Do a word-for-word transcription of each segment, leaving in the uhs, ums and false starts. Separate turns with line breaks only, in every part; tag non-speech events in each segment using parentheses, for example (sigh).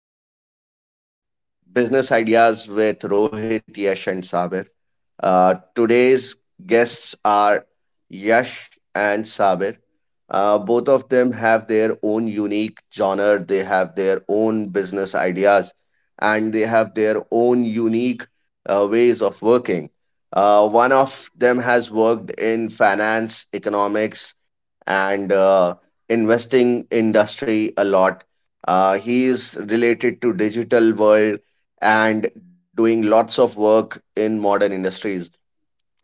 Welcome to our podcast, Business Ideas with Rohit, Yash, and Sabir. Uh, today's guests are Yash and Sabir. Uh, both of them have their own unique genre. They have their own business ideas, and they have their own unique uh, ways of working. Uh, one of them has worked in finance, economics, and uh, investing industry a lot. Uh, he is related to digital world and doing lots of work in modern industries.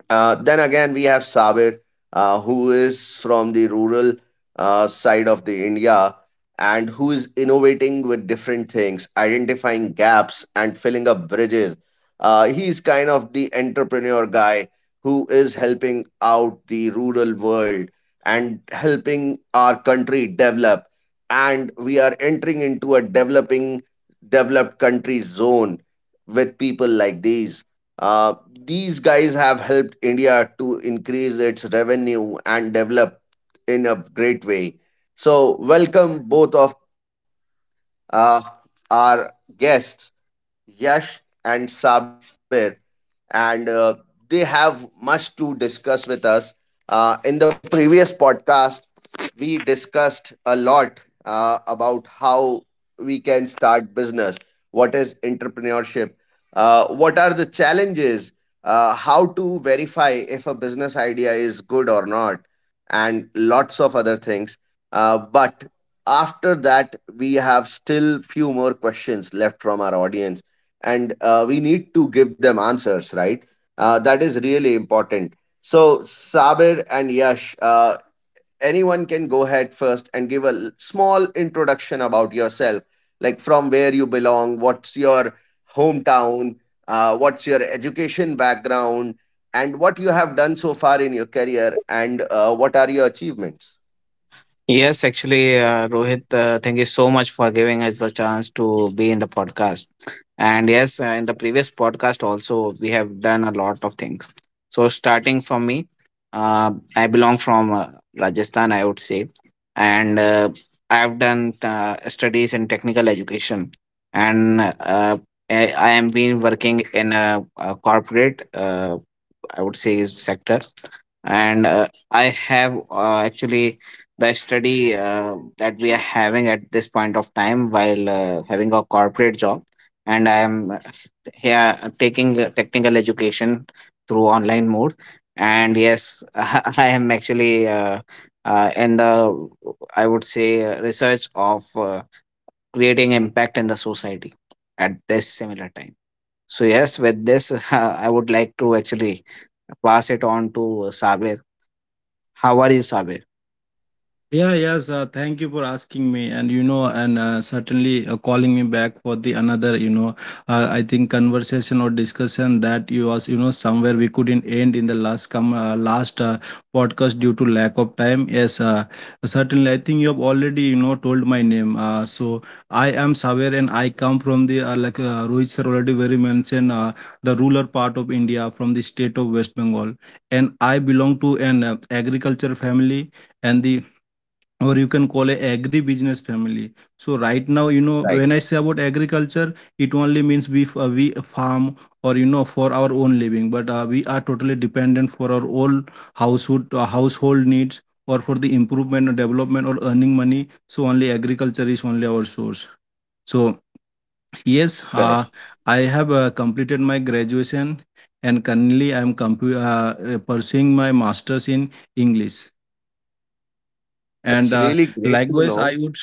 Uh, then again, we have Sabir, uh, who is from the rural uh, side of the India and who is innovating with different things, identifying gaps and filling up bridges. Uh, he's kind of the entrepreneur guy who is helping out the rural world and helping our country develop. And we are entering into a developing, developed country zone with people like these. Uh, these guys have helped India to increase its revenue and develop in a great way. So, welcome both of uh, our guests, Yash and Sabir, and uh, they have much to discuss with us. Uh, in the previous podcast, we discussed a lot uh, about how we can start business, what is entrepreneurship, uh, what are the challenges, uh, how to verify if a business idea is good or not, and lots of other things. Uh, but after that, we have still few more questions left from our audience, and uh, we need to give them answers, right? Uh, that is really important. So Sabir and Yash, uh, anyone can go ahead first and give a l- small introduction about yourself, like from where you belong, what's your hometown, uh, what's your education background, and what you have done so far in your career, and uh, what are your achievements.
Yes, actually, uh, Rohit, uh, thank you so much for giving us the chance to be in the podcast. And yes, uh, in the previous podcast also, we have done a lot of things. So, starting from me, uh, I belong from uh, Rajasthan, I would say, and uh, I've done uh, studies in technical education, and uh, I, I am been working in a, a corporate, uh, I would say, sector and uh, I have uh, actually the study uh, that we are having at this point of time while uh, having a corporate job and I am uh, here uh, taking uh, technical education through online mode and yes (laughs) I am actually uh, uh, in the I would say uh, research of uh, creating impact in the society at this similar time. So yes, with this (laughs) I would like to actually pass it on to sabir. How are you, Saber?
Yeah, yes. Uh, thank you for asking me, and you know, and uh, certainly uh, calling me back for the another, you know, uh, I think conversation or discussion that you was, you know, somewhere we couldn't end in the last come uh, last uh, podcast due to lack of time. Yes, uh, certainly. I think you have already, you know, told my name. Uh, so I am Saver, and I come from the uh, like uh, Rohit sir already very mentioned uh, the rural part of India from the state of West Bengal, and I belong to an uh, agriculture family and the or you can call it agri-business family. So right now, you know,
Right.
when I say about agriculture, it only means we f- uh, we farm or you know for our own living, but uh, we are totally dependent for our whole household uh, household needs or for the improvement or development or earning money. So only agriculture is only our source. So yes,
Correct.
uh, I have uh, completed my graduation and currently I am compu- uh, uh, pursuing my masters in English. And
That's
uh,
really great to
likewise, I
know.
would,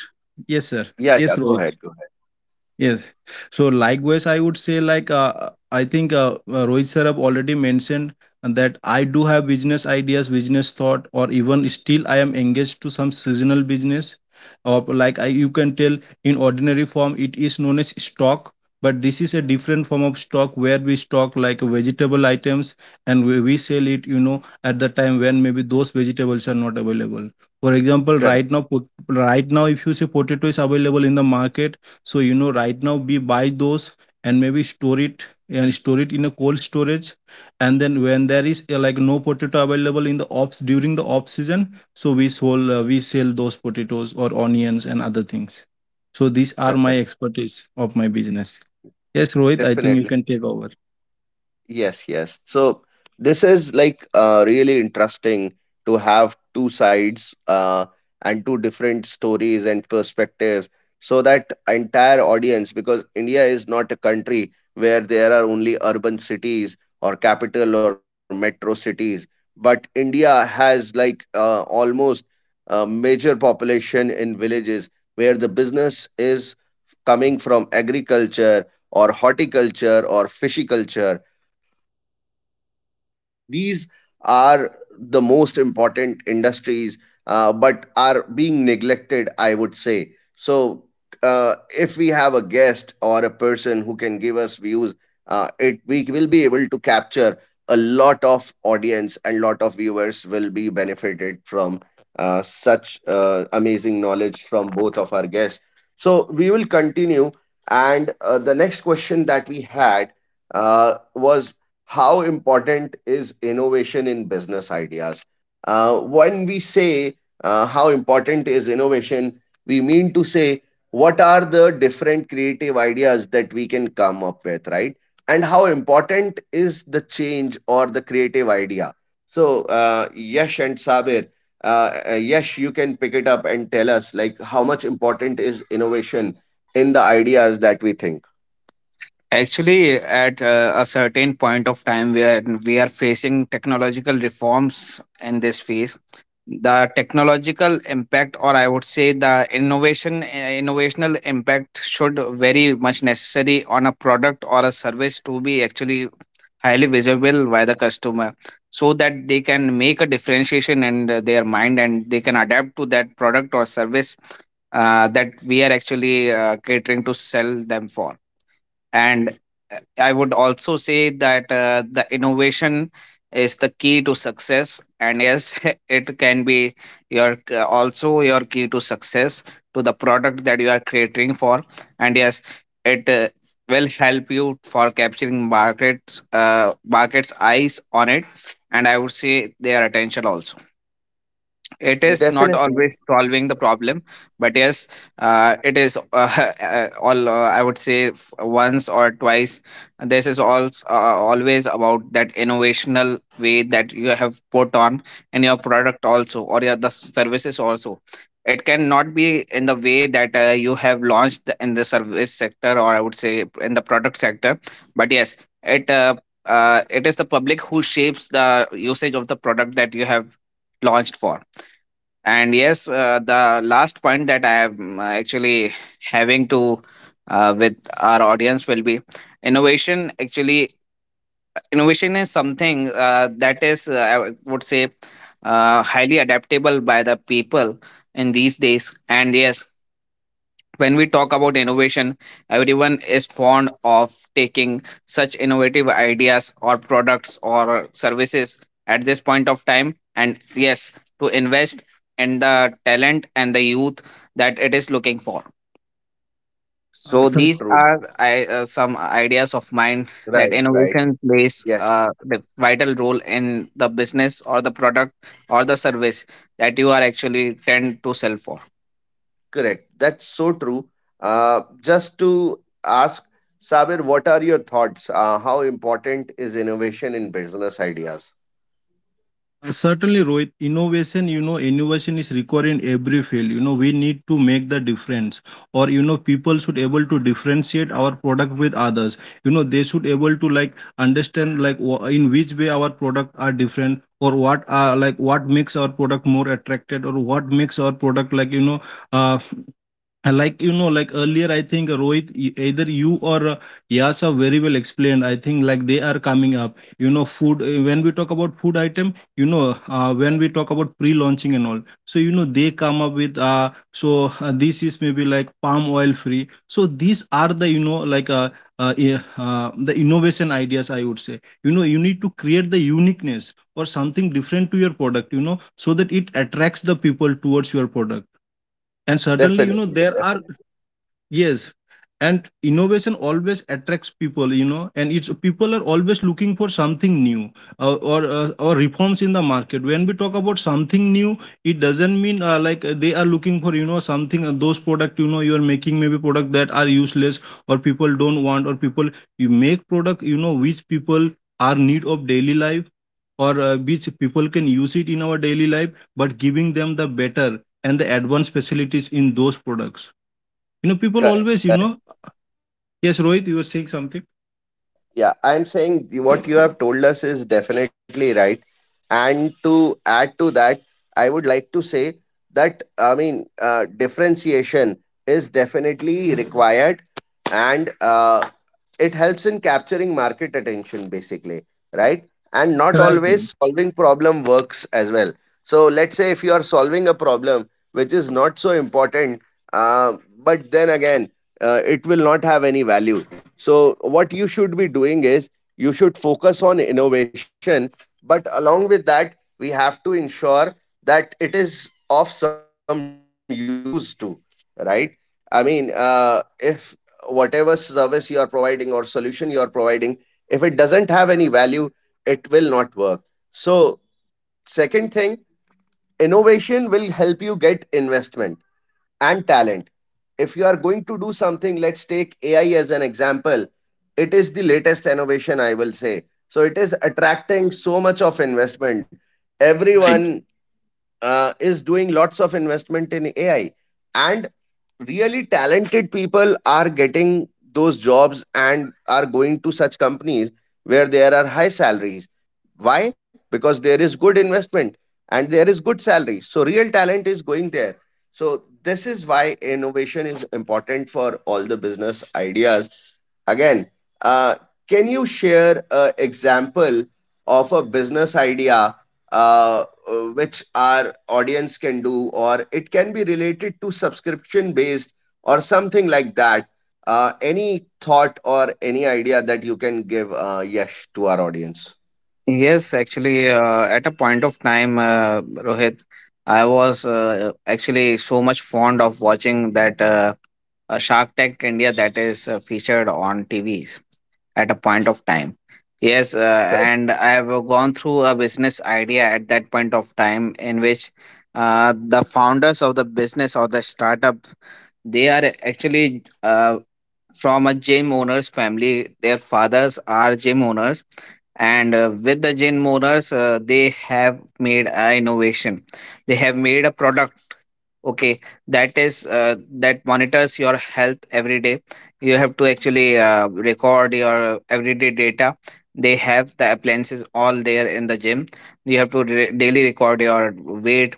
yes, sir.
Yeah, yeah,
Yes,
go
Rohit.
ahead, go ahead.
Yes. So likewise, I would say like uh, I think uh, uh, Rohit Sarab already mentioned that I do have business ideas, business thought, or even still I am engaged to some seasonal business. Or like I, you can tell in ordinary form, it is known as stock. But this is a different form of stock where we stock like vegetable items and we, we sell it, you know, at the time when maybe those vegetables are not available. For example, right
Correct,
now, pot- right now, if you say potato is available in the market so you know right now we buy those and maybe store it and store it in a cold storage and then when there is uh, like no potato available in the ops during the off season so we sell uh, we sell those potatoes or onions and other things. So these are my
correct.
expertise of my business. Yes, Rohit, I think you
Definitely.
can take over.
Yes, yes. So this is like uh, really interesting to have two sides, uh, and two different stories and perspectives, so that entire audience, because India is not a country where there are only urban cities or capital or metro cities, but India has like uh, almost a major population in villages where the business is coming from agriculture or horticulture or fishiculture. Uh, these are the most important industries, uh, but are being neglected, I would say. So uh, if we have a guest or a person who can give us views, uh, it we will be able to capture a lot of audience, and lot of viewers will be benefited from uh, such uh, amazing knowledge from both of our guests. So we will continue, and uh, the next question that we had uh, was, how important is innovation in business ideas? Uh, when we say uh, how important is innovation, we mean to say what are the different creative ideas that we can come up with, right? And how important is the change or the creative idea? So, uh, Yash and Sabir, uh, uh, Yash, you can pick it up and tell us like how much important is innovation in the ideas that we think.
Actually, at uh, a certain point of time where we are facing technological reforms in this phase, the technological impact, or I would say the innovation, uh, innovational impact, should very much necessary on a product or a service to be actually highly visible by the customer, so that they can make a differentiation in uh, their mind and they can adapt to that product or service uh, that we are actually uh, catering to sell them for. And I would also say that uh, the innovation is the key to success, and yes, (laughs) it can be your uh, also your key to success to the product that you are creating for, and yes, it uh, will help you for capturing markets uh, markets eyes on it, and I would say their attention also. It is not
Definitely.
always solving the problem, but yes uh, it is uh, (laughs) uh, all uh, I would say f- once or twice. This is also uh, always about that innovational way that you have put on in your product also or your the services also. It cannot be in the way that uh, you have launched in the service sector or I would say in the product sector, but yes it uh, uh, it is the public who shapes the usage of the product that you have launched for. And yes, uh, the last point that I am uh, actually having to uh, with our audience will be innovation. Actually, innovation is something uh, that is, uh, I would say, uh, highly adaptable by the people in these days. And yes, when we talk about innovation, everyone is fond of taking such innovative ideas or products or services at this point of time. And yes, to invest in the talent and the youth that it is looking for.
S-
So
Uh,
so
these
true.
are I, uh, some ideas of mine, that
Right, right.
innovation plays
Yes,
uh, the vital role in the business or the product or the service that you are actually tend to sell for.
correct. That's so true. Uh, just to ask, Sabir, what are your thoughts? Uh, how important is innovation in business ideas?
Uh, Certainly, Rohit, innovation, you know, innovation is required in every field. You know, we need to make the difference or, you know, people should able to differentiate our product with others. You know, they should able to like understand like wha- in which way our product are different or what are like what makes our product more attracted or what makes our product like, you know, uh, and like you know like earlier I think uh, rohit e- either you or uh, yas have very well explained I think like they are coming up you know food uh, when we talk about food item you know uh, when we talk about pre-launching and all so you know they come up with uh so uh, this is maybe like palm oil free so these are the you know like uh, uh, i- uh the innovation ideas I would say you know you need to create the uniqueness or something different to your product you know so that it attracts the people towards your product and certainly you know
Definitely,
there are
definitely.
yes, and innovation always attracts people, you know, and it's people are always looking for something new uh, or uh, or reforms in the market. When we talk about something new, it doesn't mean uh, like uh, they are looking for you know something uh, those product you know you are making maybe product that are useless or people don't want or people you make product you know which people are need of daily life or uh, which people can use it in our daily life, but giving them the better and the advanced facilities in those products, you know, people
Correct.
always, you know, yes, Rohit, you were saying something.
Yeah, I'm saying the- what you have told us is definitely right. And to add to that, I would like to say that, I mean, uh, differentiation is definitely required, and uh, it helps in capturing market attention, basically, right? And not
Right.
always solving problem works as well. So let's say if you are solving a problem which is not so important, uh, but then again, uh, it will not have any value. So, what you should be doing is you should focus on innovation, but along with that, we have to ensure that it is of some use too, right? I mean, uh, if whatever service you are providing or solution you are providing, if it doesn't have any value, it will not work. So, second thing, innovation will help you get investment and talent. If you are going to do something, let's take A I as an example. It is the latest innovation, I will say. So it is attracting so much of investment.
Right.
Everyone uh, is doing lots of investment in A I, and really talented people are getting those jobs and are going to such companies where there are high salaries. Why? Because there is good investment and there is good salary, so real talent is going there. So this is why innovation is important for all the business ideas. Again, uh, can you share an example of a business idea, uh, uh, which our audience can do, or it can be related to subscription based or something like that. Uh, any thought or any idea that you can give, uh, Yash, to our audience?
Yes, actually, uh, at a point of time, uh, Rohit, I was uh, actually so much fond of watching that uh, uh, Shark Tank India, that is uh, featured on T Vs at a point of time. Yes, uh, and I have uh, gone through a business idea at that point of time in which uh, the founders of the business or the startup, they are actually uh, from a gym owner's family. Their fathers are gym owners, and uh, with the gym owners uh, they have made a innovation. They have made a product, okay, that is uh, that monitors your health every day. You have to actually uh, record your everyday data. They have the appliances all there in the gym. You have to re- daily record your weight,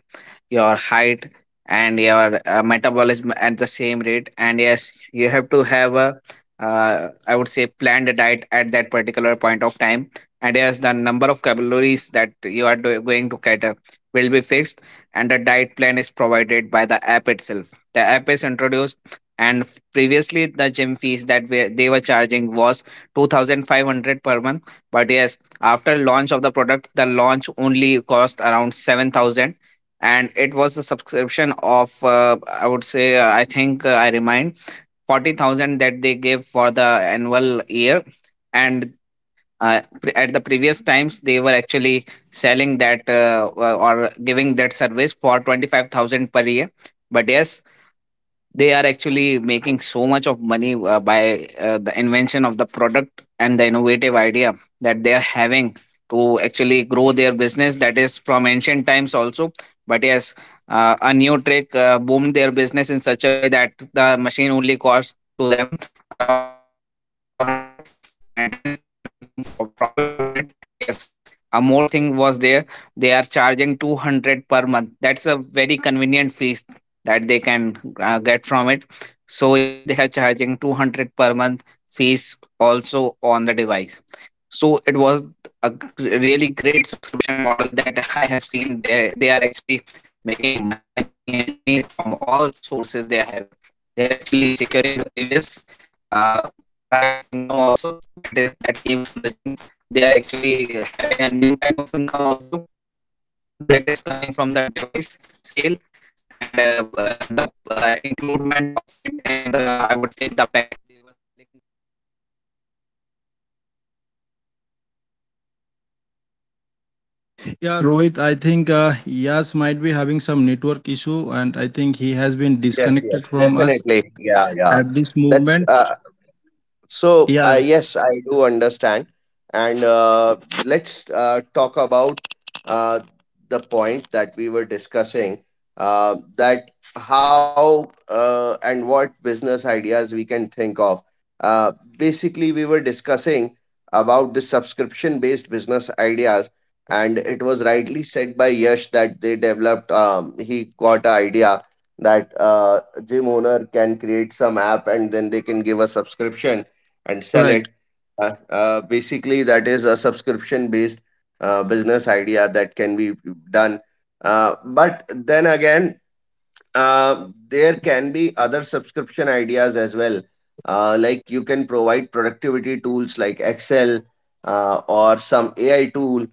your height, and your uh, metabolism at the same rate. And yes, you have to have a uh, I would say planned diet at that particular point of time, and yes, the number of calories that you are do- going to cater will be fixed, and a diet plan is provided by the app itself. The app is introduced, and previously the gym fees that we, they were charging was two thousand five hundred per month. But yes, after launch of the product, the launch only cost around seven thousand, and it was a subscription of uh, I would say uh, I think uh, I remind forty thousand that they gave for the annual year. and uh, pre- at the previous times, they were actually selling that uh, or giving that service for twenty-five thousand per year. But yes, they are actually making so much of money uh, by uh, the invention of the product and the innovative idea that they are having, to actually grow their business that is from ancient times also. But yes, uh, a new trick uh, boomed their business in such a way that the machine only cost to them around four forty-five hundred, and rest they are making for profit upon it. And yes, a more thing was there: they are charging two hundred per month, that's a very convenient fee that they can uh, get from it. So yes, they are charging two hundred per month fees also on the device. So it was a g- really great subscription model that (laughs) I have seen there. They are actually making money and money and money from all sources they are having. They are actually securing the previous uh, side of income also, that is that came from the gym. They are actually having a new type of income also, that is coming from the device sale and uh, uh, the uh, includement of it in the I would say the
Yeah, Rohit, I think uh, Yas might be having some network issue, and I think he has been
Yes, yes,
disconnected from us
definitely. Yeah, yeah.
at this
That's
moment.
uh, So, uh,
Yeah,
yes, I do understand. And uh, let's uh, talk about uh, the point that we were discussing, uh, that how uh, and what business ideas we can think of. Uh, basically, we were discussing about the subscription based business ideas, and it was rightly said by Yash that they developed, um, he got an idea that uh, gym owner can create some app and then they can give a subscription and sell
right.
it. Uh, uh, basically, that is a subscription based uh, business idea that can be done. Uh, but then again, uh, there can be other subscription ideas as well. Uh, like you can provide productivity tools like Excel, uh, or some A I tool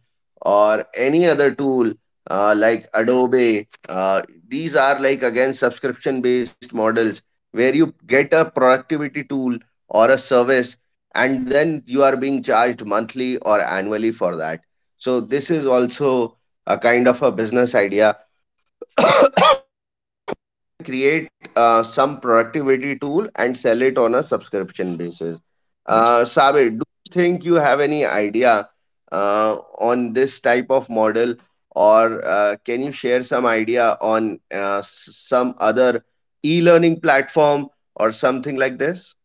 or any other tool, uh, like Adobe. Uh, these are like again subscription based models where you get a productivity tool or a service, and then you are being charged monthly or annually for that. So, this is also a kind of a business idea. (coughs) Create uh, some productivity tool and sell it on a subscription basis. Uh, Sabir, do you think you have any idea uh, on this type of model, or uh, can you share some idea on uh, s- some other e learning platform or something like this?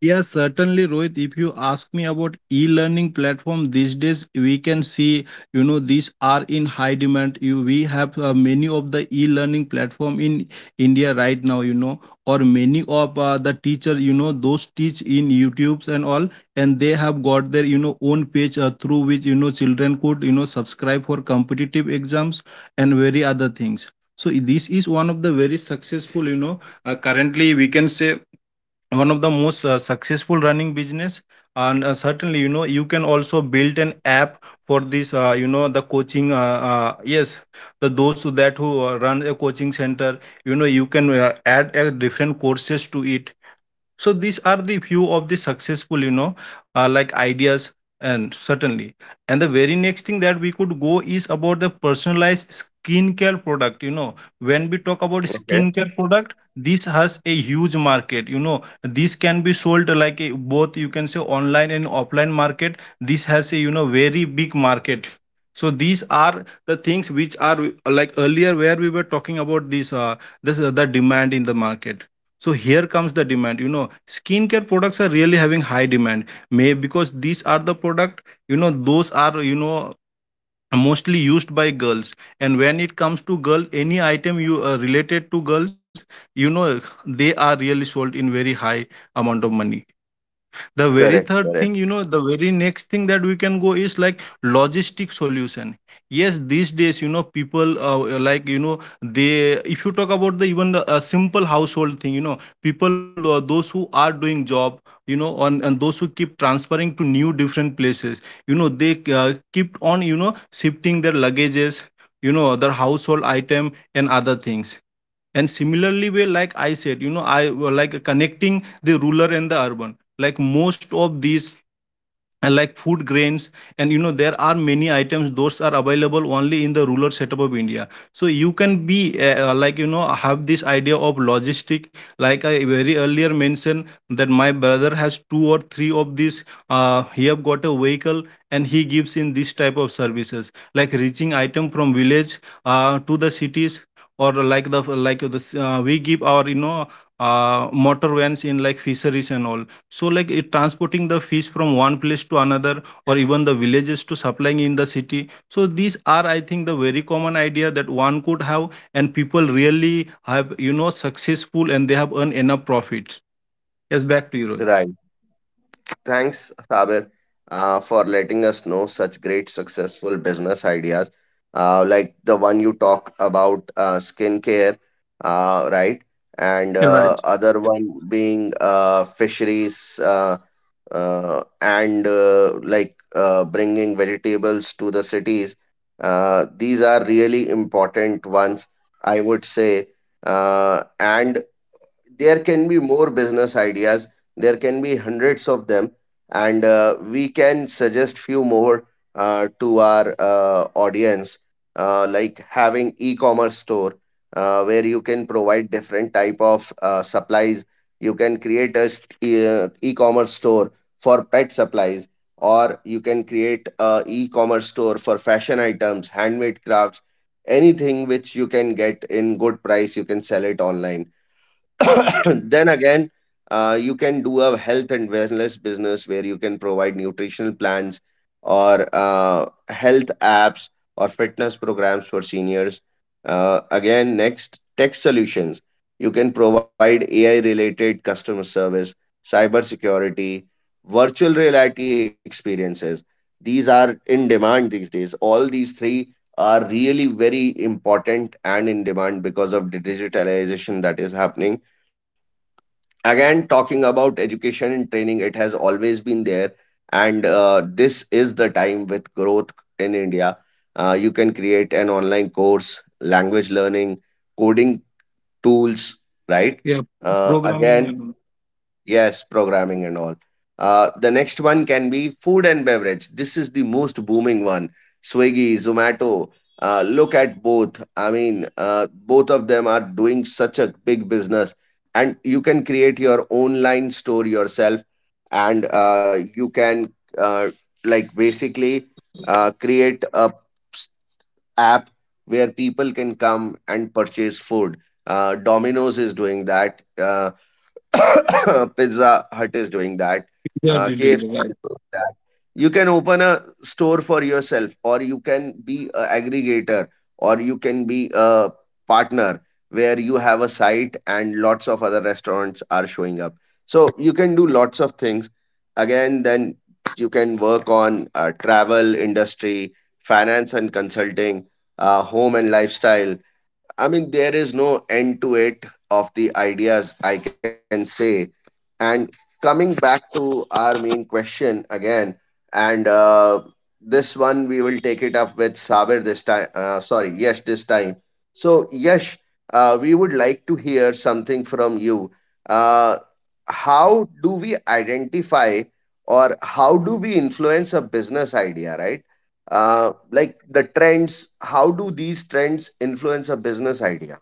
Yeah, certainly, Rohit. If you ask me about e-learning platform these days, we can see you know these are in high demand. You we have uh, many of the e-learning platform in India right now. You know, or many of uh, the teacher you know those teach in YouTube's and all, and they have got their you know own page uh, through which you know children could you know subscribe for competitive exams and very other things. So this is one of the very successful you know uh, currently we can say one of the most uh, successful running business and uh, certainly you know you can also build an app for this uh, you know the coaching uh, uh, yes the those who that who uh, run a coaching center you know you can uh, add uh, different courses to it so these are the few of the successful you know uh, like ideas and certainly and the very next thing that we could go is about the personalized skincare product you know when we talk about skincare
Okay,
product this has a huge market you know this can be sold like a, both you can say online and offline market this has a you know very big market so these are the things which are uh, like earlier where we were talking about this uh, this uh, the demand in the market so here comes the demand. You know, skincare products are really having high demand. May because these are the product. You know, those are you know mostly used by girls. And when it comes to girl, any item you uh, related to girls, you know, they are really sold in very high amount of money. The very
correct,
third thing
correct,
you know the very next thing that we can go is like logistic solution. Yes, these days you know people uh, like you know they if you talk about the even the, a simple household thing you know people uh, those who are doing job you know on and those who keep transferring to new different places you know they uh, keep on you know shifting their luggages, you know their household item and other things, and similarly way like I said you know I like connecting the rural and the urban like most of these and like food grains and you know there are many items those are available only in the rural setup of india so you can be uh, uh, like you know have this idea of logistic like I very earlier mentioned that my brother has two or three of these. Uh, he have got a vehicle and he gives in this type of services like reaching item from village uh, to the cities or like the like the uh, we give our you know uh, motor vans in like fisheries and all, so, like it transporting the fish from one place to another, or even the villages to supplying in the city. So, these are, I think, the very common idea that one could have, and people really have, you know, successful and they have earned enough profit. Yes, back to you, Rohit.
right. Thanks, Sabir, uh, for letting us know such great successful business ideas, uh, like the one you talked about, uh, skincare, uh, right? And
Yeah,
uh,
right.
other one being uh, fisheries, uh, uh, and uh, like uh, bringing vegetables to the cities. Uh, these are really important ones, I would say. Uh, and there can be more business ideas. There can be hundreds of them, and uh, we can suggest few more uh, to our uh, audience, uh, like having e-commerce store, uh, where you can provide different type of uh, supplies. You can create a st- e- uh, e-commerce store for pet supplies, or you can create a e-commerce store for fashion items, handmade crafts. Anything which you can get in good price, you can sell it online. (coughs) Then again, uh, you can do a health and wellness business where you can provide nutritional plans, or uh, health apps, or fitness programs for seniors. Uh, again, next tech solutions. You can provide AI related customer service, cyber security, virtual reality experiences. These are in demand these days. All these three are really very important and in demand because of the digitalization that is happening. Again, talking about education and training, it has always been there, and uh, this the time with growth in India. Uh, you can create an online course, language learning, coding, tools, right?
Yeah,
Uh,
programming.
again,
And
yes, programming and all. Uh, the next one can be food and beverage. This is the most booming one. Swiggy, Zomato. Uh, look at both. I mean, uh, both of them are doing such a big business, and you can create your online store yourself, and uh, you can uh, like basically uh, create a s- app where people can come and purchase food. Uh, Domino's is doing that. Uh, (coughs) Pizza Hut is doing that.
we are
Uh,
doing
KFC
it right.
is doing that. You can open a store for yourself, or you can be an aggregator, or you can be a partner where you have a site and lots of other restaurants are showing up. So you can do lots of things. Again, then you can work on uh, travel industry, finance and consulting, uh, home and lifestyle. I mean, there is no end to it of the ideas, I can say. And coming back to our main question again, and uh, this one we will take it up with Saber this time. Uh, sorry, Yash this time. So, Yash, uh, we would like to hear something from you. Uh, how do we identify or how do we influence a business idea, right? uh, like the trends, how do these trends influence a business idea?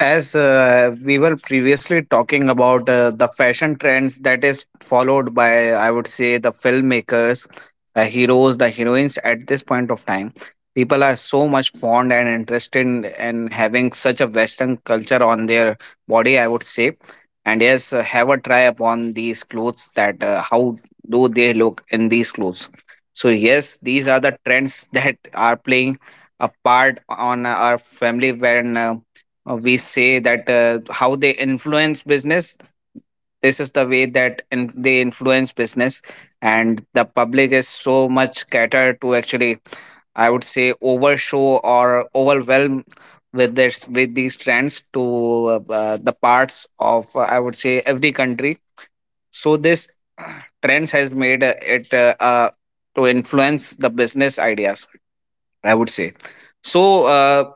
as uh, we were previously talking about uh, the fashion trends that is followed by I would say the filmmakers, the heroes, the heroines at this point of time. People are so much fond and interested in, in having such a western culture on their body I would say, and yes uh, have a try upon these clothes, that uh, how do they look in these clothes. So yes, these are the trends (laughs) that are playing a part on our family when uh, uh, we say that uh, how they influence business. This is the way that in- they influence business, and the public is so much catered to actually I would say overshow or overwhelm with this with these trends to uh, uh, the parts of uh, I would say every country. So this (clears throat) trends has made uh, it uh, uh, to influence the business ideas, I would say. So, uh,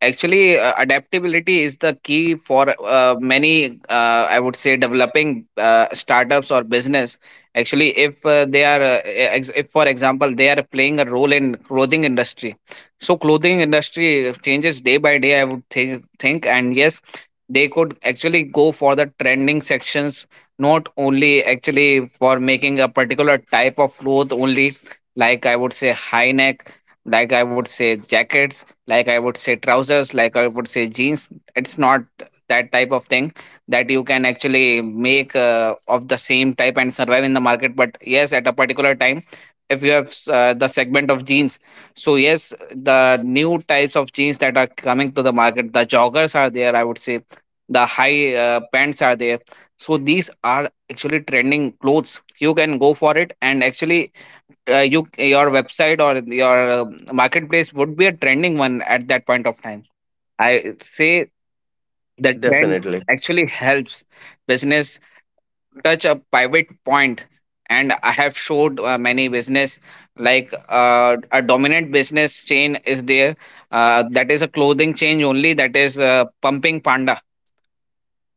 actually, uh, adaptability is the key for uh, many, uh, I would say, developing uh, startups or business. Actually, if uh, they are, uh, ex- if for example, they are playing a role in clothing industry, so clothing industry changes day by day. I would think, think, and yes, they could actually go for the trending sections, not only actually for making a particular type of cloth only, like I would say high neck, like I would say jackets, like I would say trousers, like I would say jeans. It's not that type of thing that you can actually make uh, of the same type and survive in the market. But yes, at a particular time, if you have uh, the segment of jeans, so yes the new types of jeans that are coming to the market, the joggers are there I would say, the high uh, pants are there, so these are actually trending clothes, you can go for it. And actually, uh, you your website or your uh, marketplace would be a trending one at that point of time, I say. The trend
Definitely.
actually helps business touch a pivot point, and I have showed uh, many business, like uh, a dominant business chain is there, uh, that is a clothing chain only, that is uh, Pumping Panda.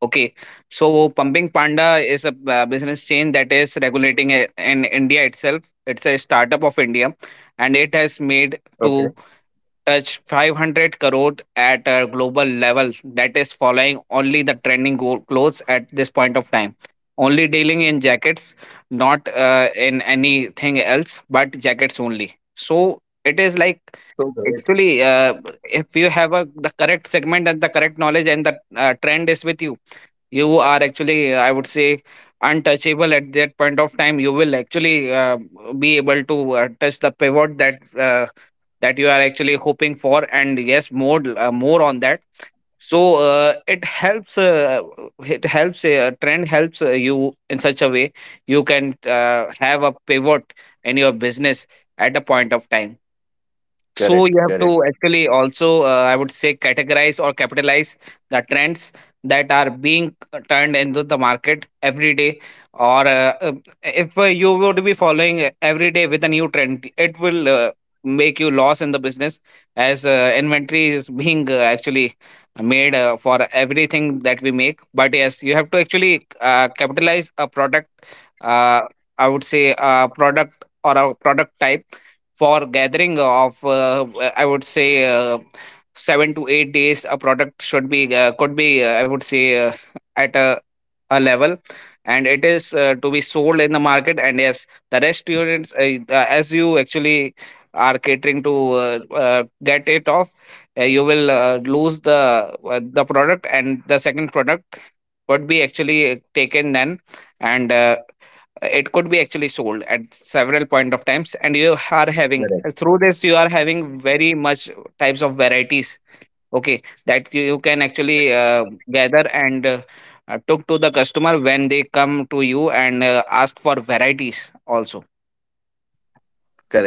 Okay, so Pumping Panda is a uh, business chain that is regulating i- in India itself. It's a startup of India, and it has made to
Okay.
touch five hundred crore at a global level. That is following only the trending go- clothes at this point of time. Only dealing in jackets, not uh, in anything else, but jackets only. So it is like,
That's so
actually,
great.
uh, if you have a the correct segment and the correct knowledge, and the uh, trend is with you, you are actually uh, I would say untouchable at that point of time. You will actually uh, be able to uh, touch the pivot that uh, that you are actually hoping for. And yes, more uh, more on that. So uh, it helps uh, it helps uh, trend helps uh, you in such a way, you can uh, have a pivot in your business at a point of time. So you have to
Correct,
actually
correct.
also, uh, I would say, categorize or capitalize the trends that are being turned into the market every day. Or uh, uh, if uh, you would be following every day with a new trend, it will uh, make you loss in the business as uh, inventory is being uh, actually made uh, for everything that we make. But yes, you have to actually uh, capitalize a product. Uh, I would say a product or a product type for gathering of uh, I would say uh, seven to eight days a product should be uh, could be uh, I would say uh, at a, a level, and it is uh, to be sold in the market. And yes, the rest units uh, uh, as you actually are catering to, uh, uh, get it off, uh, you will uh, lose the uh, the product, and the second product would be actually taken then, and uh, it could be actually sold at several point of times. And you are having, through this you
Correct.
are having very much types of varieties, okay, that you, you can actually uh, gather and uh, uh, took to the customer when they come to you and uh, ask for varieties also.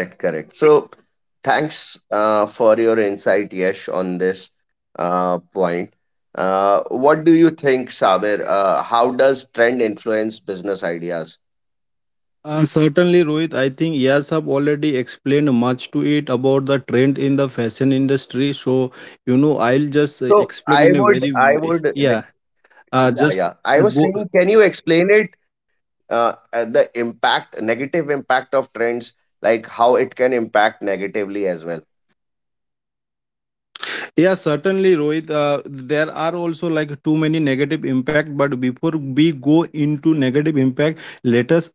correct correct So thanks uh, for your insight, Yesh, on this uh, point. Uh, what do you think, Sabir? Uh, how does trend influence business ideas?
Uh, certainly, Rohit. I think yes, have already explained much to it about the trend in the fashion industry. So you know, I'll just uh,
so
explain
i
in a
would
very
i would
yeah.
like,
Uh,
yeah
just
yeah
uh,
I
go.
was saying, can you explain it uh, at the impact, negative impact of trends, like how it can impact negatively as well?
Yeah, certainly, Rohit. Uh, there are also like too many negative impact. But before we go into negative impact, let us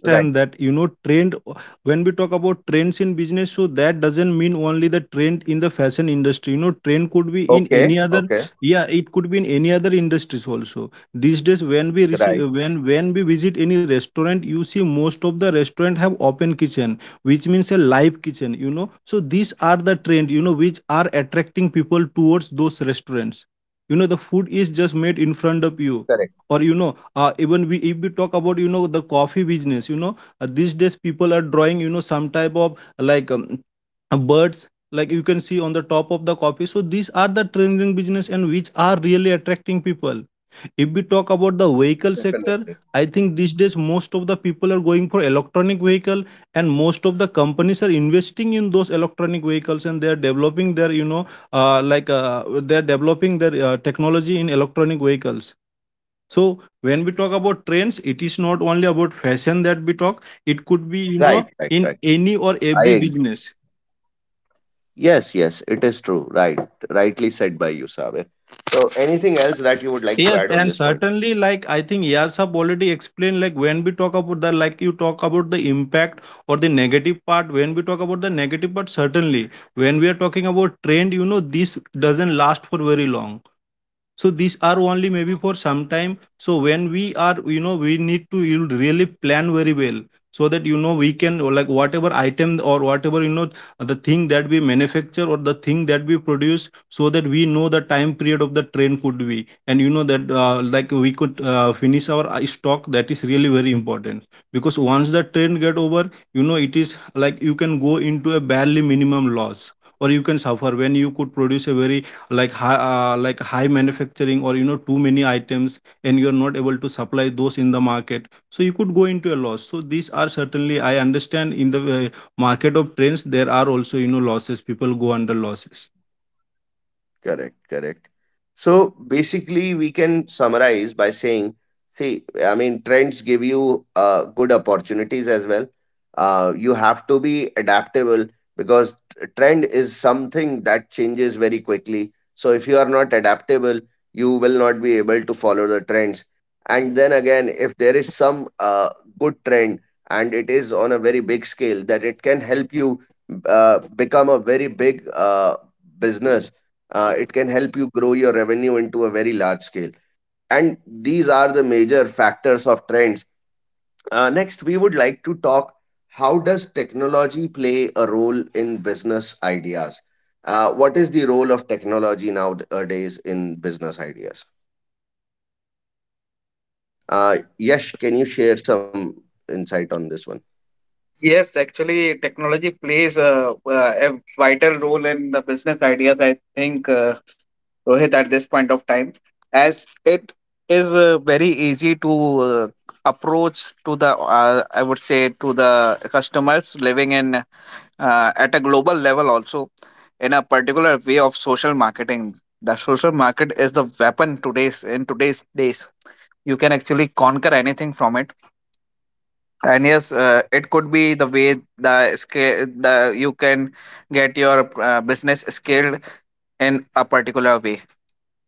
Right.
that you know trend. When we talk about trends in business, so that doesn't mean only the trend in the fashion industry. You know, trend could be in
Okay.
any other.
Okay.
Yeah, it could be in any other industries also. These days, when we
Right.
receive, when when we visit any restaurant, you see most of the restaurant have open kitchen, which means a live kitchen. You know, so these are the trend you know which are attracting people towards those restaurants, you know the food is just made in front of you,
Correct.
or you know uh, even we if we talk about you know the coffee business. You know, uh, these days people are drawing you know some type of like um, birds like you can see on the top of the coffee, so these are the trending business and which are really attracting people. If we talk about the vehicle sector,
Definitely.
I think these days most of the people are going for electronic vehicle, and most of the companies are investing in those electronic vehicles and they are developing their, you know, uh, like uh, they are developing their uh, technology in electronic vehicles. So when we talk about trends, it is not only about fashion that we talk. It could be, you know,
right right
in
right
any or
I
every
agree.
business.
Yes yes it is true, right? Rightly said by you, Sabir. So anything else that you would like to
Yes,
add on
and
this point?
certainly, like I think Yas have already explained, like when we talk about the, like you talk about the impact or the negative part. When we talk about the negative part, certainly, when we are talking about trend, you know, this doesn't last for very long. So these are only maybe for some time. So when we are, you know we need to, you really plan very well so that, you know we can, or like whatever item or whatever, you know the thing that we manufacture or the thing that we produce, so that we know the time period of the train could be. And you know that uh, like we could uh, finish our uh, stock. That is really very important, because once the train get over, you know it is like you can go into a barely minimum loss. Or you can suffer when you could produce a very, like high uh, like high manufacturing, or you know too many items, and you're not able to supply those in the market, so you could go into a loss. So these are, certainly I understand, in the uh, market of trends there are also, you know losses, people go under losses.
Correct, correct. So basically, we can summarize by saying, see, I mean, trends give you opportunities as well. Uh, you have to be adaptable because t- trend is something that changes very quickly. So if you are not adaptable, you will not be able to follow the trends. And then again, if there is some uh, good trend and it is on a very big scale, that it can help you uh, become a very big uh, business. Uh, it can help you grow your revenue into a very large scale, and these are the major factors of trends. Uh, next we would like to talk, how does technology play a role in business ideas? Uh, what is the role of technology nowadays in business ideas? Uh, yesh, can you share some insight on this one?
Yes, actually, technology plays a, uh, a vital role in the business ideas. I think uh, Rohit, at this point of time, as it is uh, very easy to uh, approach to the uh, I would say to the customers living in uh, at a global level also, in a particular way of social marketing. The social market is the weapon today's in today's days. You can actually conquer anything from it, and yes, uh, it could be the way the scale the you can get your uh, business scaled in a particular way.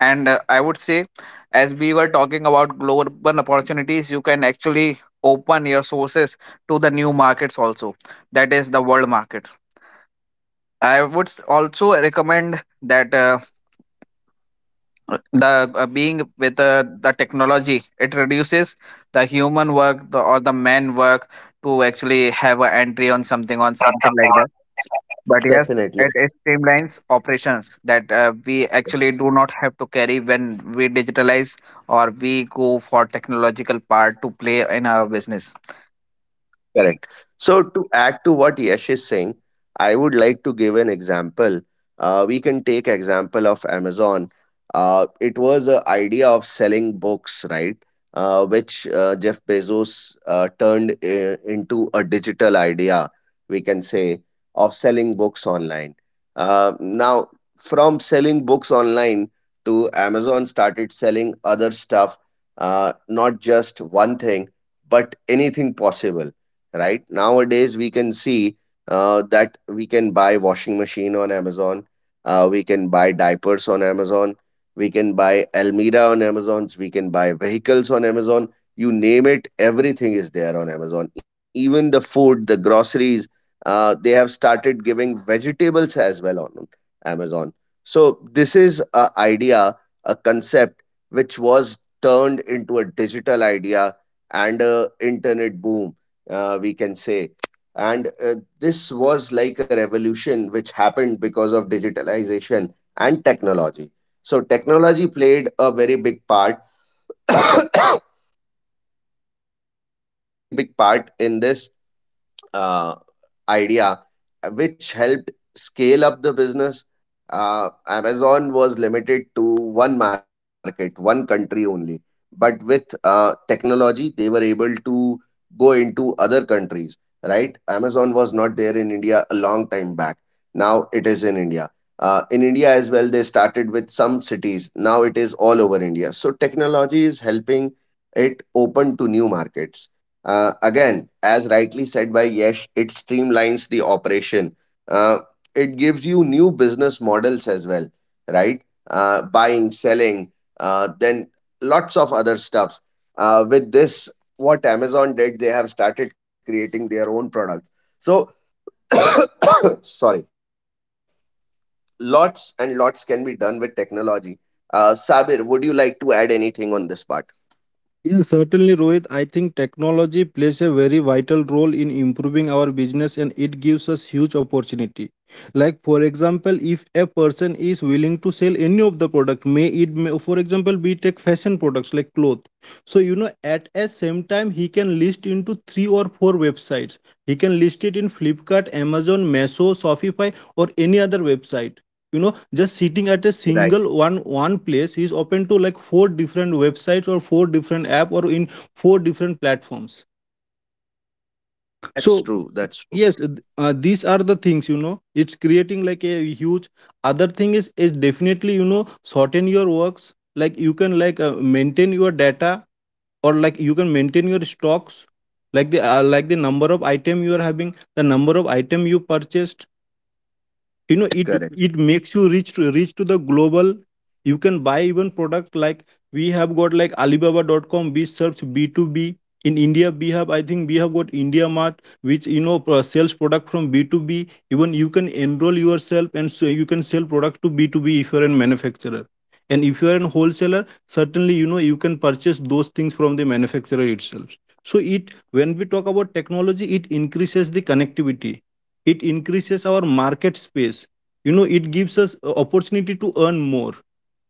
And uh, I would say, as we were talking about global opportunities, you can actually open your sources to the new markets also. That is the world markets. I would s- also recommend that uh, the uh, being with uh, the technology, it reduces the human work the, or the man work, to actually have an entry on something on something like that. But yes,
Definitely.
it, it streamlines operations, that uh, we actually do not have to carry when we digitalize or we go for technological part to play in our business.
Correct. So to add to what Yash is saying, I would like to give an example. Uh, we can take example of Amazon. Uh, it was an idea of selling books, right? Uh, which uh, Jeff Bezos uh, turned uh, into a digital idea, we can say, of selling books online. Uh, now, from selling books online to Amazon started selling other stuff, uh, not just one thing, but anything possible, right? Nowadays, we can see uh, that we can buy washing machine on Amazon, uh, we can buy diapers on Amazon, we can buy Almira on Amazon, we can buy vehicles on Amazon. You name it, everything is there on Amazon. Even the food, the groceries, uh, they have started giving vegetables as well on Amazon. So this is a idea, a concept which was turned into a digital idea and a internet boom, uh, we can say. And uh, this was like a revolution which happened because of digitalization and technology. So technology played a very big part, (coughs) very big part in this uh, idea, which helped scale up the business. Uh, Amazon was limited to one market, one country only. But with uh, technology, they were able to go into other countries, right? Amazon was not there in India a time back. Now it is in India. Uh, in India as well, they started with some cities. Now it is all over India. So technology is helping it open to new markets. Uh, again, as rightly said by Yesh, it streamlines the operation. Uh, it gives you new business models as well, right? Uh, buying, selling, uh, then lots of other stuffs. Uh, with this, what Amazon did, they have started creating their own products. So, (coughs) sorry, lots and lots can be done with technology. Uh, Sabir, would you like to add anything on this part?
Yeah, certainly, Rohit. I think technology plays a very vital role in improving our business and it gives us huge opportunity. Like, for example, if a person is willing to sell any of the product, may it, may, for example, be Tech fashion products like cloth. So, you know, at a same time, he can list into three or four websites. He can list it in Flipkart, Amazon, Meso, Shopify, or any other website, you know just sitting at a single one
Right.
one place is open to like four different websites or four different app or in four different platforms. So y-
That's true.
yes, th-
That's true.
uh, these are the things, you know it's creating like a huge other thing. Is is definitely, you know shorten your works. Like you can, like uh, maintain your data, or like you can maintain your stocks, like the uh, like the number of item you are having, the number of item you purchased, you know it it makes
Correct.
you reach to reach to the global. You can buy even product, like, we have got like Alibaba dot com. We search B two B. In india we have, I think we have got india mart, which, you know pro- sells product from B two B. Even you can enroll yourself, and so you can sell product to B two B if you're a manufacturer and if you're a wholesaler. Certainly, you know you can purchase those things from the manufacturer itself. So it when we talk about technology, it increases the connectivity, it increases our market space, you know it gives us a opportunity to earn more,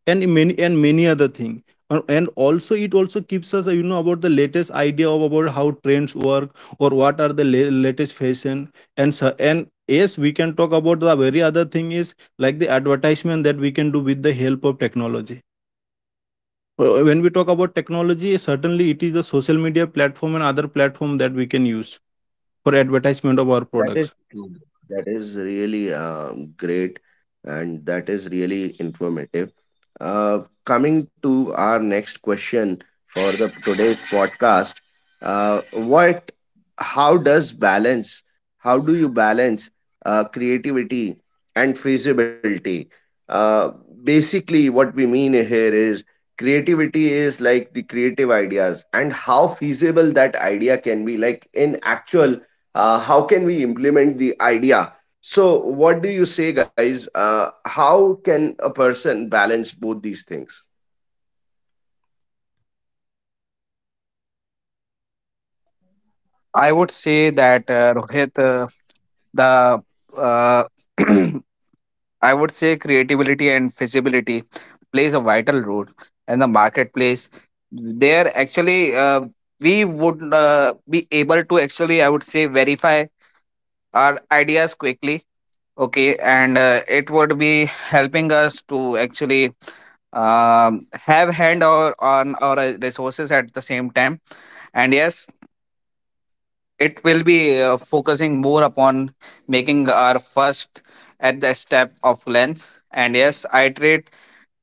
and many and many other thing. Uh, and also it also keeps us, uh, you know about the latest idea of about how trends work or what are the la- latest fashion. And so, and yes, we can talk about the very other thing is like the advertisement that we can do with the help of technology. Uh, when we talk about technology, certainly it is the social media platform and other platform that we can use for advertisement of our
That is
products.
true. That is really um, great, and that is really informative. Uh, Coming to our next question for the today's podcast, uh, what, how does balance, how do you balance uh, creativity and feasibility? Uh, Basically, what we mean here is creativity is like the creative ideas and how feasible that idea can be, like in actual. Uh, how can we implement the idea? So what do you say, guys? Uh, how can a person balance both these things?
I would say that uh, Rohit, uh, the uh, (clears throat) I would say creativity and feasibility plays a vital role in the marketplace. There actually uh, we would uh, be able to actually, I would say, verify our ideas quickly. Okay, and uh, it would be helping us to actually um, have hand or on our uh, resources at the same time. And yes, it will be uh, focusing more upon making our first at the step of length. And yes, iterate,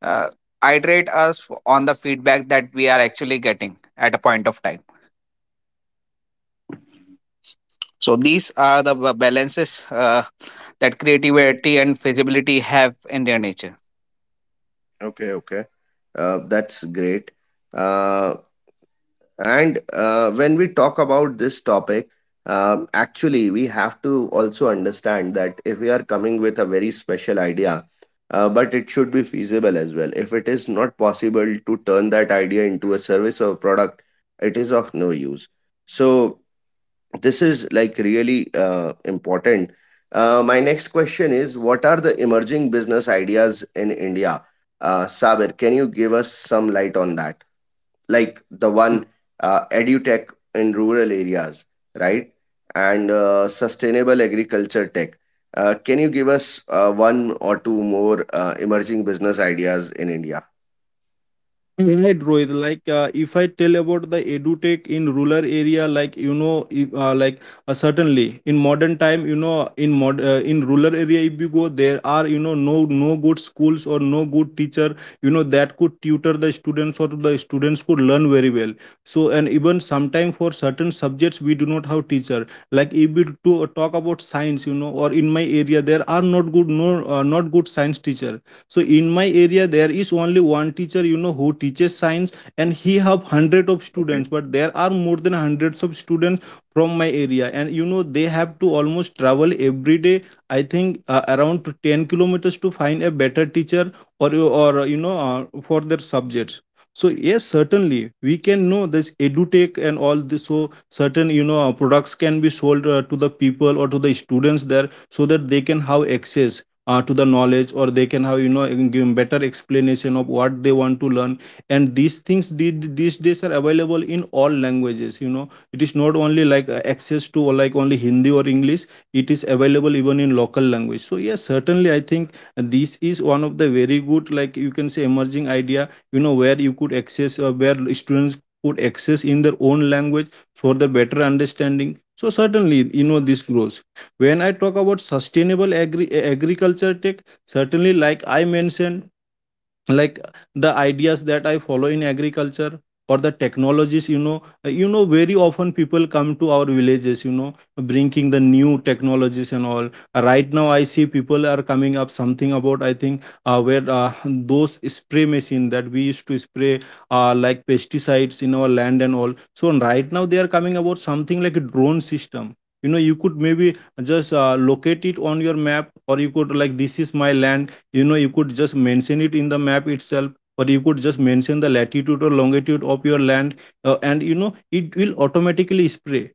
uh, iterate us on the feedback that we are actually getting at a point of time. So these are the ba- balances uh, that creativity
Okay,
and feasibility have in their nature.
okay, okay. Uh, that's great. Uh, and uh, When we talk about this topic, um, actually, we have to also understand that if we are coming with a very special idea, uh, but it should be feasible as well. If it is not possible to turn that idea into a service or product, it is of no use. So, this is like really uh, important. Uh, my next question is, what are the emerging business ideas in India? Uh, Sabir, can you give us some light on that? Like the one uh, edutech in rural areas, right? And uh, sustainable agriculture tech. Uh, can you give us uh, one or two more uh, emerging business ideas in India?
Right, Rohit. Like, uh, if I tell about the edutech in rural area, like, you know, if, uh, like uh, certainly in modern time, you know, in mod uh, in rural area, if you go, there are, you know no no good schools or no good teacher, you know, that could tutor the students or the students could learn very well. So, and even sometime for certain subjects, we do not have teacher. Like if we to talk about science, you know, or in my area, there are not good no uh, not good science teacher. So in my area there is only one teacher, you know who teaches science, and he have hundred of students, but there are more than hundreds of students from my area, and, you know they have to almost travel every day, I think uh, around to 10 kilometers to find a better teacher. Or or uh, you know uh, for their subjects. So yes, certainly, we can know this edutech and all this. So certain, you know uh, products can be sold uh, to the people or to the students there, so that they can have access uh, to the knowledge, or they can have, you know in- give better explanation of what they want to learn. And these things did these days are available in all languages. you know it is not only like, uh, access to, or like, only hindi or english. It is available even in local language. So yeah, certainly, I think this is one of the very good, like, you can say emerging idea, you know where you could access uh, where students could access in their own language for the better understanding. So certainly, you know this grows. When I talk about sustainable agri- agriculture tech, certainly, like I mentioned, like, the ideas that I follow in agriculture, or the technologies, you know uh, you know very often people come to our villages, you know bringing the new technologies and all. Uh, right now I see people are coming up something about, I think uh, where, uh, those spray machine that we used to spray uh, like pesticides in our land and all. So right now they are coming about something like a drone system. you know you could maybe just uh, locate it on your map, or you could, like, this is my land, you know you could just mention it in the map itself, or you could just mention the latitude or longitude of your land, uh, and, you know it will automatically spray.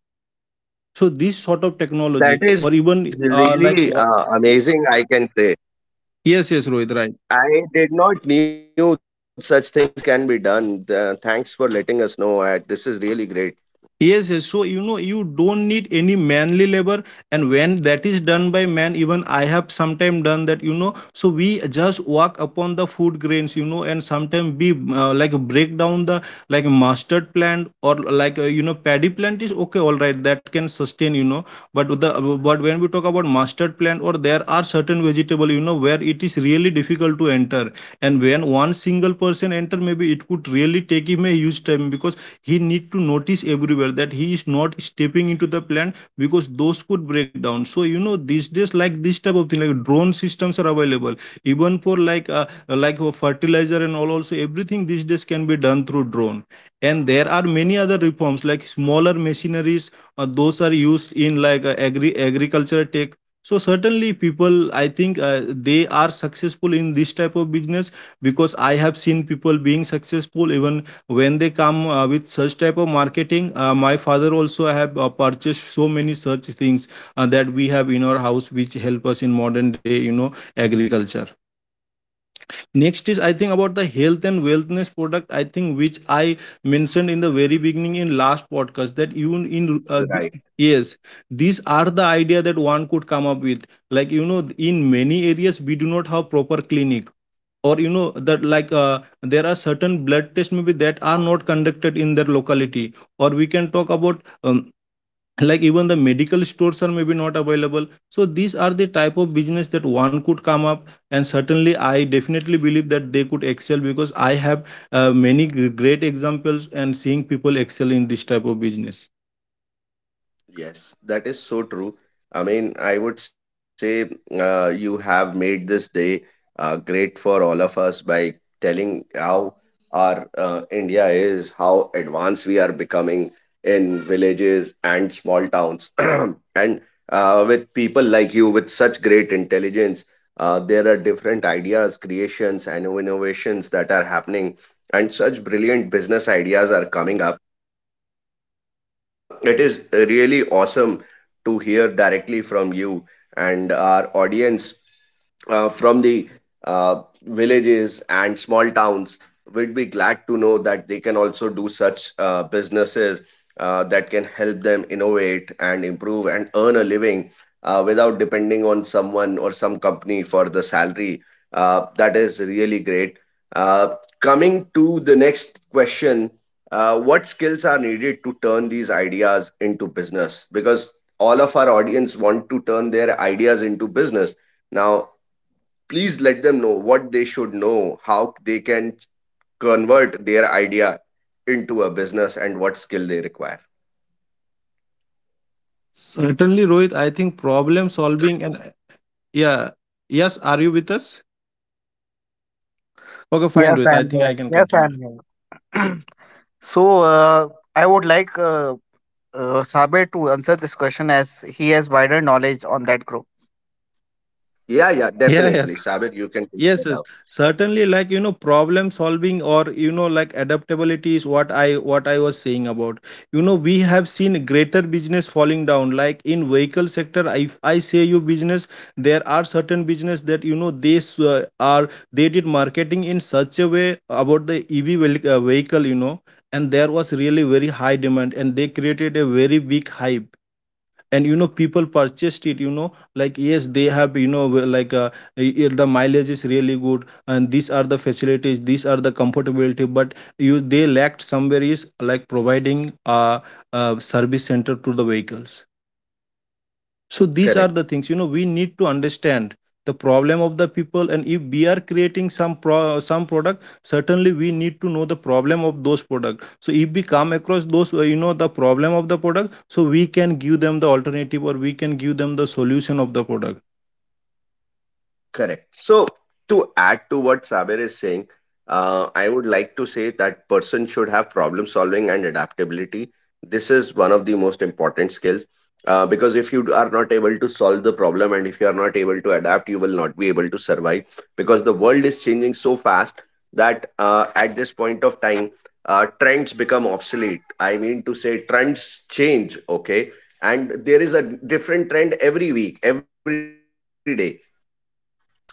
So this sort of technology, or even
That
uh,
is
like wa-
really uh, amazing, I can say.
yes, yes, Rohit, right.
I mean, I did not knew such things can be done. Th- thanks for letting us know. I, this is really great.
Yes, yes. So, you know, you don't need any manly labor. And when that is done by man, even I have sometimes done that, you know. So, we just walk upon the food grains, you know, and sometimes we uh, like break down the like mustard plant, or like, uh, you know, paddy plant is okay, all right, that can sustain, you know. But the, but when we talk about mustard plant, or there are certain vegetable, you know, where it is really difficult to enter. And when one single person enter, maybe it could really take him a huge time, because he need to notice everywhere that he is not stepping into the plant, because those could break down. So you know these days, like, this type of thing, like drone systems are available even for like uh, like for fertilizer and all also. Everything these days can be done through drone. And there are many other reforms like smaller machineries uh, those are used in like uh, agri agriculture tech. So certainly people, I think uh, they are successful in this type of business, because I have seen people being successful even when they come uh, with such type of marketing. Uh, my father also have uh, purchased so many such things uh, that we have in our house, which help us in modern day, you know agriculture. Next is, I think, about the health and wellness product, I think, which I mentioned in the very beginning in last podcast, that you in uh, the,
Right.
yes, these are the idea that one could come up with. Like, you know in many areas we do not have proper clinic, or, you know that, like uh, there are certain blood tests maybe that are not conducted in their locality, or we can talk about um, like, even the medical stores are maybe not available. So these are the type of business that one could come up, and certainly, I definitely believe that they could excel, because I have uh, many g- great examples and seeing people excel in this type of business.
Yes, that is so true. I mean, I would say uh, you have made this day uh, great for all of us by telling how our uh, India is, how advanced we are becoming in villages and small towns. (clears throat) And uh, with people like you with such great intelligence, uh, there are different ideas, creations, and innovations that are happening, and such brilliant business ideas are coming up. It is really awesome to hear directly from you and our audience uh, from the uh, villages and small towns would be glad to know that they can also do such uh, businesses uh, that can help them innovate and improve and earn a living uh, without depending on someone or some company for the salary. Uh, that is really great. Uh, Coming to the next question, uh, what skills are needed to turn these ideas into business? Because all of our audience want to turn their ideas into business now. Please let them know what they should know, how they can convert their idea into a business and what skill they require.
Certainly, Rohit, I think problem solving and, yeah, yes, are you with us? Okay, fine,
Yes, I
Rohit, I
am
think
here.
I can
Yes, I am
continue.
here. So, uh, I would like uh, uh, Saber to answer this question as he has wider knowledge on that group.
Yeah yeah
Yeah, yes.
definitely, Sabir, you can take
Yes,
that
yes,
out.
certainly. Like, you know, problem solving, or, you know, like, adaptability is what I what I was saying about. You know, we have seen greater business falling down. Like in vehicle sector, if I say you business, there are certain business that, you know they s- uh, are they did marketing in such a way about the E V vehi- uh, vehicle. You know, and there was really very high demand, and they created a very big hype, and you know people purchased it you know Like, yes, they have, you know w- like uh, i- i- the mileage is really good, and these are the facilities, these are the comfortability. But you they lacked somewhere is like providing a, a service center to the vehicles. So these are the things, you
Correct.
know we need to understand the problem of the people. And if we are creating some pro- some product, certainly we need to know the problem of those products. So if we come across those, uh, you know the problem of the product, so we can give them the alternative, or we can give them the solution of the product.
Correct. So, to add to what Saber is saying, uh, I would like to say that person should have problem solving and adaptability. This is one of the most important skills uh, because if you are not able to solve the problem and if you are not able to adapt, you will not be able to survive because the world is changing so fast that uh, at this point of time, uh, trends become obsolete. I mean to say, trends change, okay? And there is a different trend every week, every day,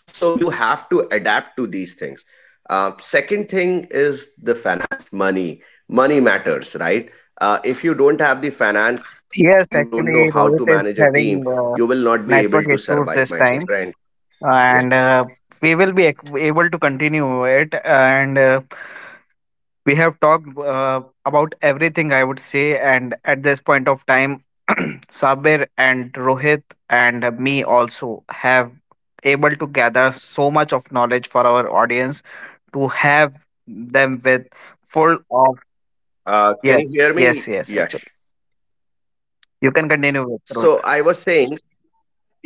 so you have to adapt to these things. Uh, second thing is the finance, money. Money matters, right? Uh, if you don't have the finance or
Yes,
you don't know
actually,
how to
Rohit
manage
is
a team,
having
you
uh,
will not be able to
network
survive,
issues
my
this
dear
time,
friend. Yeah,
and uh, we will be ac- able to continue it. And uh, we have talked uh, about everything, I would say, and at this point of time, (clears throat) Sabir and Rohit and me also have able to gather so much of knowledge for our audience to have them with full of.
uh, can
Yes,
you hear me?
yes, yes, actually,
Yes,
you can continue with Rohit.
so I was saying,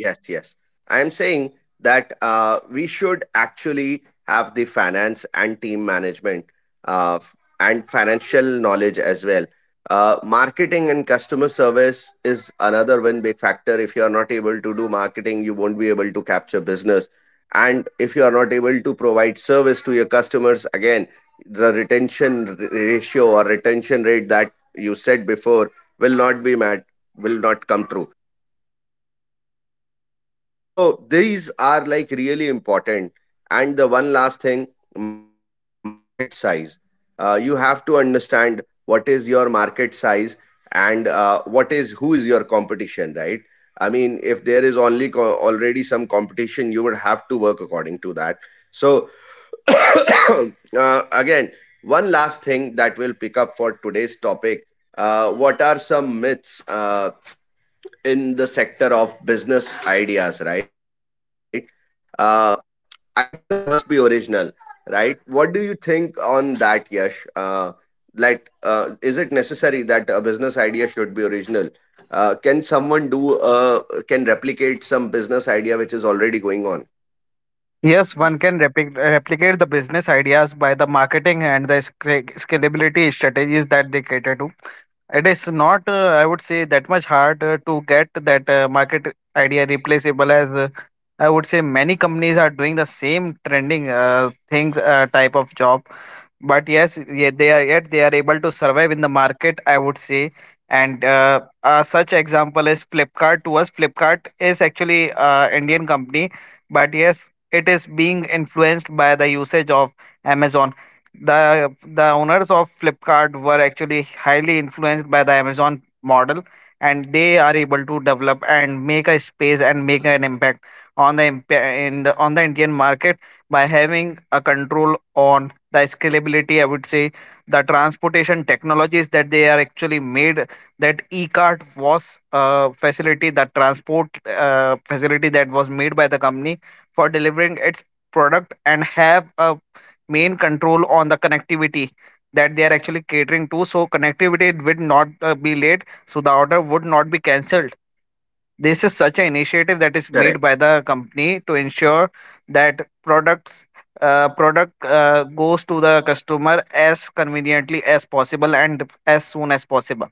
yes, yes. I'm saying that uh, we should actually have the finance and team management uh, f- and financial knowledge as well. Uh, marketing and customer service is another one big factor. If not able to do marketing, you won't be able to capture business. And if you are not able to provide service to your customers, again, the retention r- ratio, or retention rate that you said before, will not be met, will not come. So these are like really important. And the one last thing, market size. Uh, you have to understand what is your market size and uh, what is who is your competition, right? I mean, if there is only co- already some competition, you would have to work according to that. So (coughs) uh, again, one last thing that will pick up for today's topic. Uh, what are some myths Uh, in the sector of business ideas, right? Uh, Ideas must be original, right? What do you think on that, Yash? Uh, like, uh, is it necessary that a business idea should be original? Uh, can someone do uh, can replicate some business idea which is already going on?
Yes, one can replic- replicate the business ideas by the marketing and the sca- scalability strategies that they cater to. It is not, uh, I would say, that much hard uh, to get that uh, market idea replaceable, as uh, I would say many companies are doing the same trending uh, things uh, type of job. But yes, yeah, they are yet they are able to survive in the market, I would say. And uh, uh, such example is Flipkart to us. Flipkart is actually uh, Indian company, but yes, it is being influenced by the usage of Amazon. the the owners of Flipkart were actually highly influenced by the Amazon model, and they are able to develop and make a space and make an impact on the impa- in the, on the Indian market, by having a control on the scalability. I would say the transportation technologies that they are actually made, that e-cart, was a facility, that transport uh, facility, that was made by the company for delivering its product and have a main control on the connectivity that they are actually catering to, so connectivity would not uh, be late, so the order would not be cancelled. This is such an initiative that is made by the company to ensure that products, uh, product uh, goes to the customer as conveniently as possible and as soon as possible.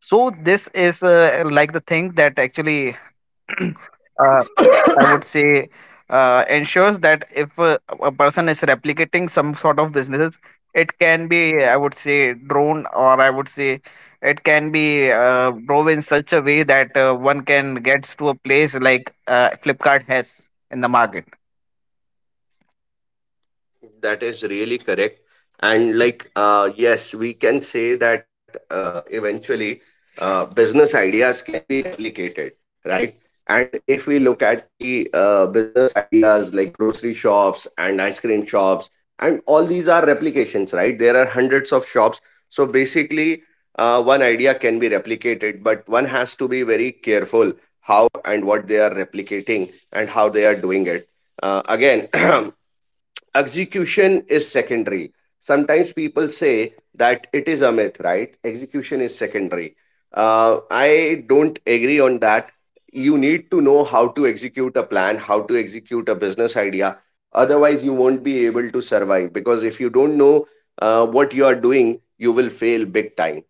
So this is uh, like the thing that actually (clears throat) uh, I would say uh, ensures that if a, a person is replicating some sort of businesses, it can be, I would say, drone, or I would say it can be uh, drove in such a way that uh, one can gets to a place like uh, Flipkart has in the market.
That is really correct. And like, uh, yes, we can say that uh, eventually uh, business ideas can be replicated, right? And if we look at the uh, business ideas like grocery shops and ice cream shops, and all these are replications, right? There are hundreds of shops. So basically, uh, one idea can be replicated, but one has to be very careful how and what they are replicating and how. Uh, again, (clears throat) execution is secondary. Sometimes people say that it is a myth, right? Execution is secondary. Uh, I don't agree on that. You need to know how to execute a plan, how to execute a business idea. Otherwise, you won't be able to survive because if you don't know uh, what you are doing, you will fail big time.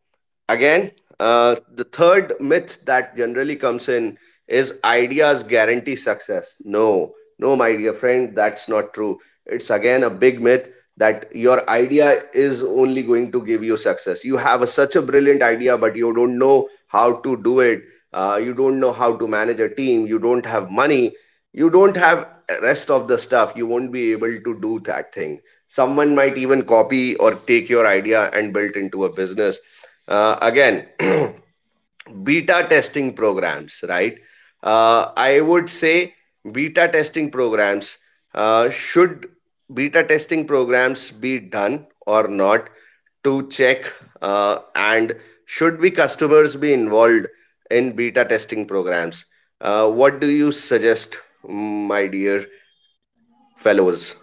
Again, uh, the third myth that generally comes in is ideas guarantee success. No, no, my dear friend, that's not true. It's again big myth that your idea is only going to give you success. You have a, such a brilliant idea, but you don't know how to do it. Uh, you don't know how to manage a team. You don't have money. You don't have rest of the stuff, you won't be able to do that thing. Someone might even copy or take your idea and build it into a business. Uh, again, (clears throat) beta testing programs, right? uh, I would say beta testing programs uh, should beta testing programs be done or not to check, uh, and should be customers be involved in beta testing programs? Uh, what do you suggest, mm, my dear fellows?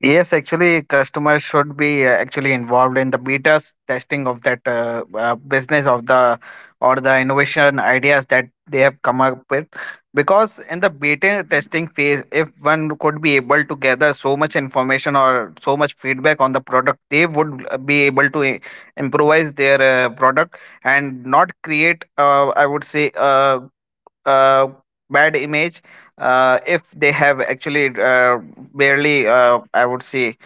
Yes, actually, customers should be uh, actually involved in the betas testing of that uh, uh, business of the, or the innovation ideas that they have come up with. Because in the beta testing phase, if one could be able to gather so much information or so much feedback on the product, they would uh, be able to i- improvise their uh, product and not create, uh, I would say, uh, uh, bad image, uh, if they have actually uh, barely uh, I would say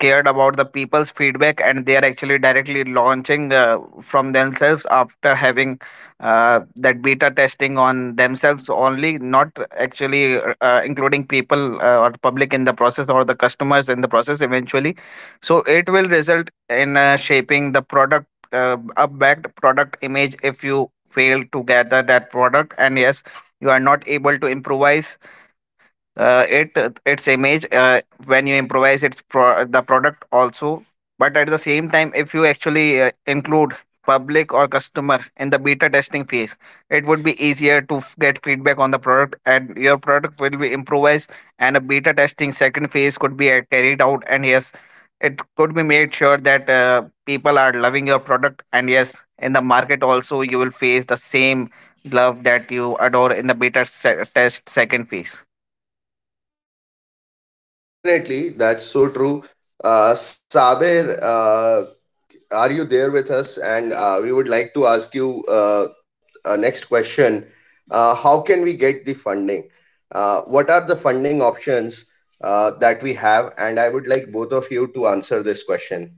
cared about the people's feedback, and they are actually directly launching uh, from themselves after having uh, that beta testing on themselves only, not actually uh, uh, including people uh, or public in the process, or the customers in the process eventually. So it will result in uh, shaping the product, uh, a backed product image, if you fail to gather that product. And yes, you are not able to improvise uh, it its image uh, when you improvise its pro- the product also. But at the same time, if you actually uh, include public or customer in the beta testing phase, it would be easier to f- get feedback on the product, and your product will be improvised, and a beta testing second phase could be uh, carried out. And yes, it could be made sure that uh, people are loving your product, and yes, in the market also you will face the same love that you adore in the beta se- test second phase.
Definitely, that's so true. Uh, Sabir, uh, are you there with us? And uh, we would like to ask you uh, a next question. Uh, how can we get the funding? Uh, what are the funding options uh, that we have? And I would like both of you to answer this question.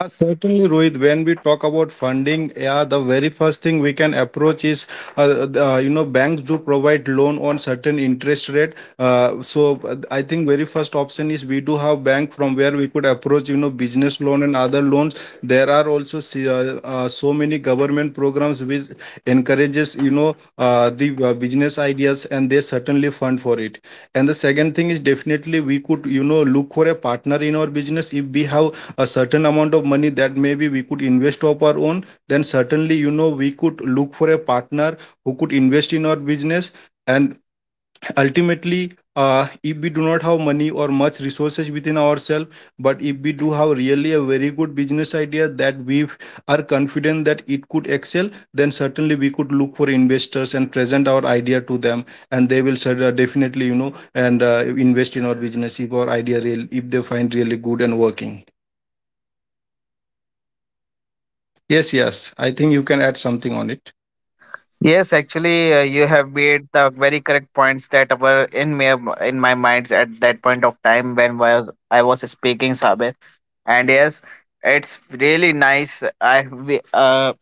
Uh, Certainly, Rohit. When we talk about funding, yeah, the very first thing we can approach is, uh, the, uh, you know, banks do provide loan on certain interest rate. Uh, so uh, I think very first option is, we do have bank from where we could approach, you know, business loan and other loans. There are also se- uh, uh, so many government programs which encourages, you know, uh, the uh, business ideas, and they certainly fund for it. And the second thing is, definitely we could, you know, look for a partner in our business. If we have a certain amount of money that maybe we could invest of our own, then certainly, you know we could look for a partner who could invest in our business. And ultimately, uh, if we do not have money or much resources within ourselves, but if we do have really a very good business idea that we are confident that it could excel, then certainly we could look for investors and present our idea to them, and they will cer- uh, definitely, you know and uh, invest in our business, if our idea real, if they find really good and working. Yes, yes. I think you can add something on it.
Yes, actually, uh, you have made the very correct points that were in my in my minds at that point of time when was I was speaking, Sabe. And yes, it's really nice. I we, uh,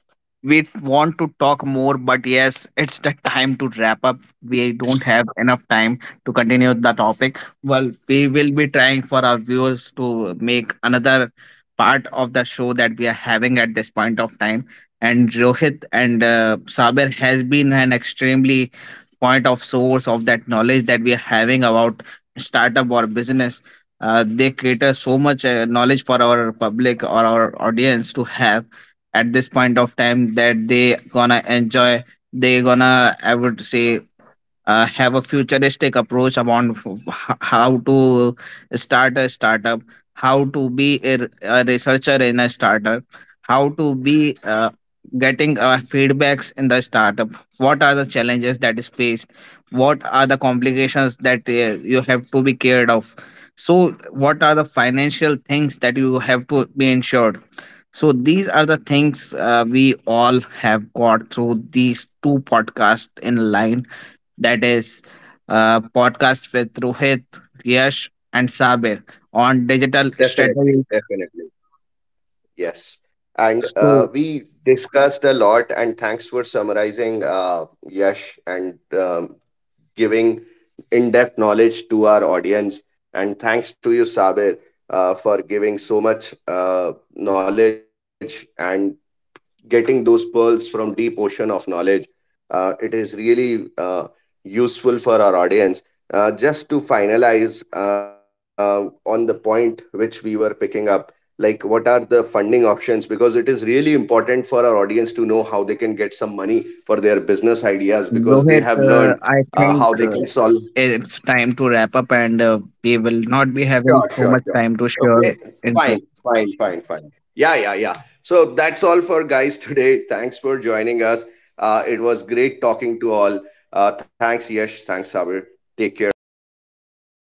We want to talk more, but yes, it's the time to wrap up. We don't have enough time to continue the topic. Well, we will be trying for our viewers to make another part of the show that we are having at this point of time. And Rohit and uh, Saber has been an extremely point of source of that knowledge that we are having about startup or business. Uh, they cater so much uh, knowledge for our public or our audience to have at this point of time, that they gonna enjoy. They gonna, I would say, uh, have a futuristic approach about h- how to start a startup, how to be a, r- a researcher in a startup, how to be uh, getting uh, feedbacks in the startup. What are the challenges that is faced? What are the complications that uh, you have to be cared of? So, what are the financial things that you have to be insured? So these are the things uh, we all have got through these two podcasts in line, that is uh, podcast with Rohit, Yash, and Sabir on digital
Definitely,
strategy.
definitely. Yes. And uh,
So,
we discussed a lot, and thanks for summarizing, uh, Yash, and um giving in depth knowledge to our audience. And thanks to you, Sabir, uh, for giving so much uh, knowledge and getting those pearls from deep ocean of knowledge. Uh, it is really uh, useful for our audience. Uh, just to finalize uh, on the point which we were picking up, like what are the funding options? Because it is really important for our audience to know how they can get some money for their business ideas because they have
Rohit,
learned
uh,
uh,
I
how they
think
can solve—
uh, it's time to wrap up, and uh, we will not be
Sure,
having
sure,
so
sure.
much time to
Okay,
share
fine,
info.
fine, fine, fine. Yeah, yeah, yeah. So that's all for, guys, today. Thanks for joining us. Uh, it was great talking to all. Uh, thanks, Yash. Thanks, Sabir. Take care. Bye.
Thank you so much.